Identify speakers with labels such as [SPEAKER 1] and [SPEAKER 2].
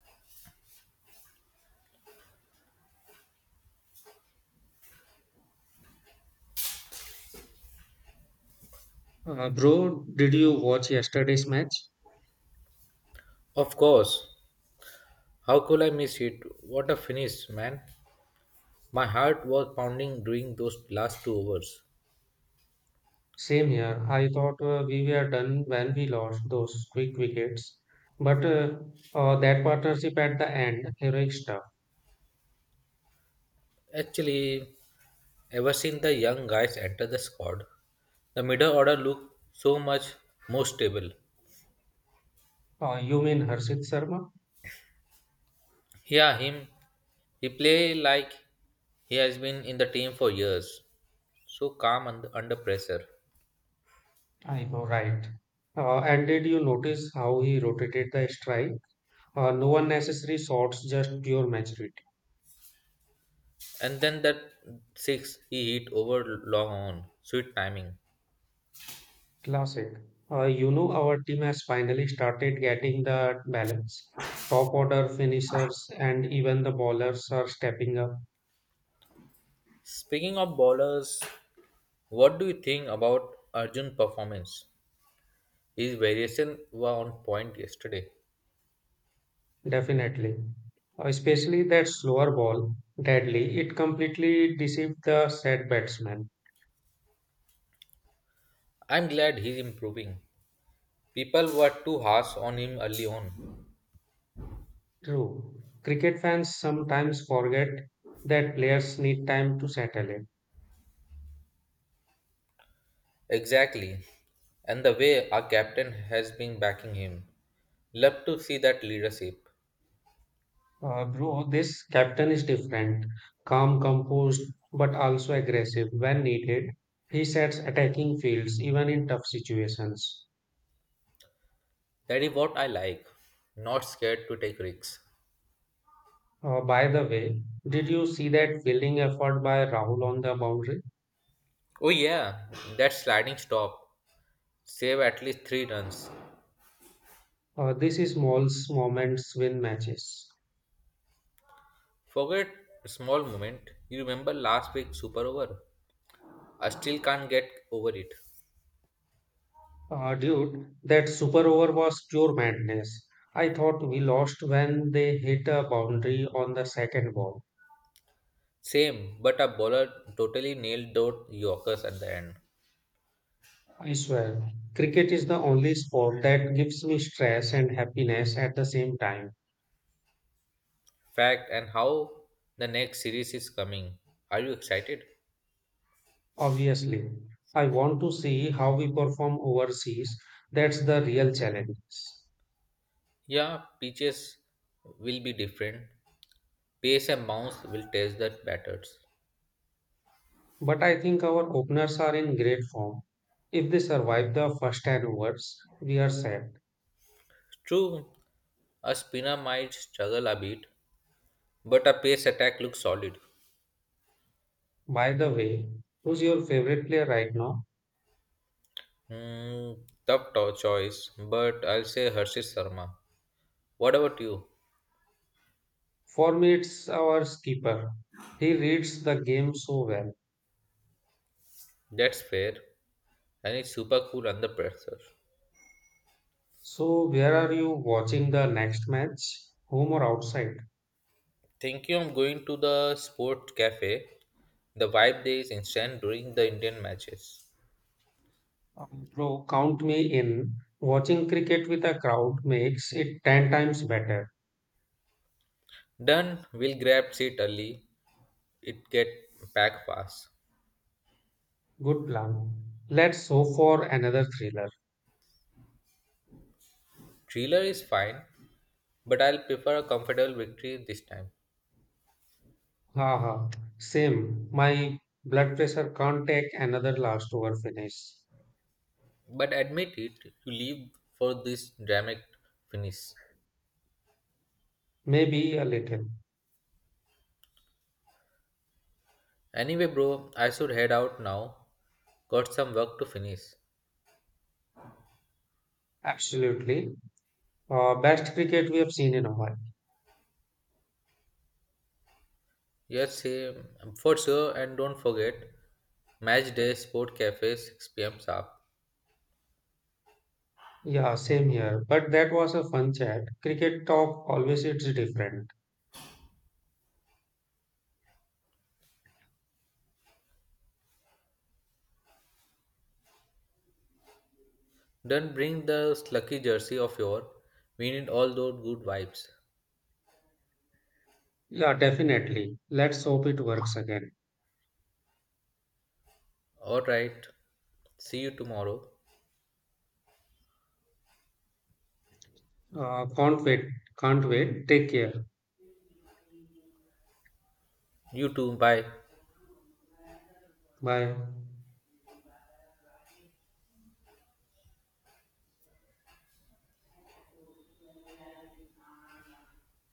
[SPEAKER 1] Bro, did you watch yesterday's match?
[SPEAKER 2] Of course. How could I miss it? What a finish, man. My heart was pounding during those last 2 hours.
[SPEAKER 1] Same here. I thought we were done when we lost those quick wickets. But That partnership at the end, heroic stuff.
[SPEAKER 2] Actually, ever since the young guys entered the squad, the middle order looked so much more stable.
[SPEAKER 1] You mean Harshit Sharma?
[SPEAKER 2] Yeah, him. He play like he has been in the team for years. So calm under pressure.
[SPEAKER 1] I know, right. And did you notice how he rotated the strike? No unnecessary shots, just pure maturity.
[SPEAKER 2] And then that six he hit over long on. Sweet timing.
[SPEAKER 1] Classic. Our team has finally started getting the balance. Top order finishers and even the bowlers are stepping up.
[SPEAKER 2] Speaking of bowlers, what do you think about Arjun's performance? His variation were on point yesterday.
[SPEAKER 1] Definitely. Especially that slower ball, deadly, it completely deceived the set batsman.
[SPEAKER 2] I'm glad he's improving. People were too harsh on him early on.
[SPEAKER 1] True. Cricket fans sometimes forget that players need time to settle in.
[SPEAKER 2] Exactly. And the way our captain has been backing him. Love to see that leadership.
[SPEAKER 1] Bro, this captain is different. Calm, composed, but also aggressive when needed. He sets attacking fields even in tough situations.
[SPEAKER 2] That is what I like. Not scared to take risks.
[SPEAKER 1] By the way, did you see that fielding effort by Rahul on the boundary?
[SPEAKER 2] Oh yeah, that sliding stop. Save at least 3 runs.
[SPEAKER 1] This is small moments win matches.
[SPEAKER 2] Forget small moment. You remember last week's super over? I still can't get over it.
[SPEAKER 1] Dude, that super over was pure madness. I thought we lost when they hit a boundary on the second ball.
[SPEAKER 2] Same, but a bowler totally nailed those Yorkers at the end.
[SPEAKER 1] I swear, cricket is the only sport that gives me stress and happiness at the same time.
[SPEAKER 2] Fact and how the next series is coming. Are you excited?
[SPEAKER 1] Obviously, I want to see how we perform overseas. That's the real challenge.
[SPEAKER 2] Yeah, pitches will be different. Pace and bounce will test the batters.
[SPEAKER 1] But I think our openers are in great form. If they survive the first 10 overs, we are set.
[SPEAKER 2] True, a spinner might struggle a bit, but a pace attack looks solid.
[SPEAKER 1] By the way, who's your favorite player right now?
[SPEAKER 2] Hmm, choice, but I'll say Harshit Sharma. What about you?
[SPEAKER 1] For me, it's our skipper. He reads the game so well.
[SPEAKER 2] That's fair, and it's super cool under pressure.
[SPEAKER 1] So, where are you watching the next match? Home or outside?
[SPEAKER 2] Thank you. I'm going to the sport cafe, the vibe there is instant during the Indian matches.
[SPEAKER 1] Bro, count me in. Watching cricket with a crowd makes it 10 times better.
[SPEAKER 2] Done, we'll grab seat early. It get packed fast.
[SPEAKER 1] Good plan. Let's hope for another thriller.
[SPEAKER 2] Thriller is fine, but I'll prefer a comfortable victory this time.
[SPEAKER 1] Haha, same. My blood pressure can't take another last over finish.
[SPEAKER 2] But admit it, you leave for this dramatic finish.
[SPEAKER 1] Maybe a little.
[SPEAKER 2] Anyway, bro, I should head out now. Got some work to finish.
[SPEAKER 1] Absolutely. Best cricket we have seen in a while.
[SPEAKER 2] Yes, same, for sure, and don't forget, match day, sport cafe, 6 p.m. sharp.
[SPEAKER 1] Yeah, same here. But that was a fun chat. Cricket talk always it's different.
[SPEAKER 2] Then bring the lucky jersey of your. We need all those good vibes.
[SPEAKER 1] Yeah, definitely. Let's hope it works again.
[SPEAKER 2] Alright. See you tomorrow.
[SPEAKER 1] Can't wait. Can't wait. Take care.
[SPEAKER 2] You too. Bye.
[SPEAKER 1] Bye.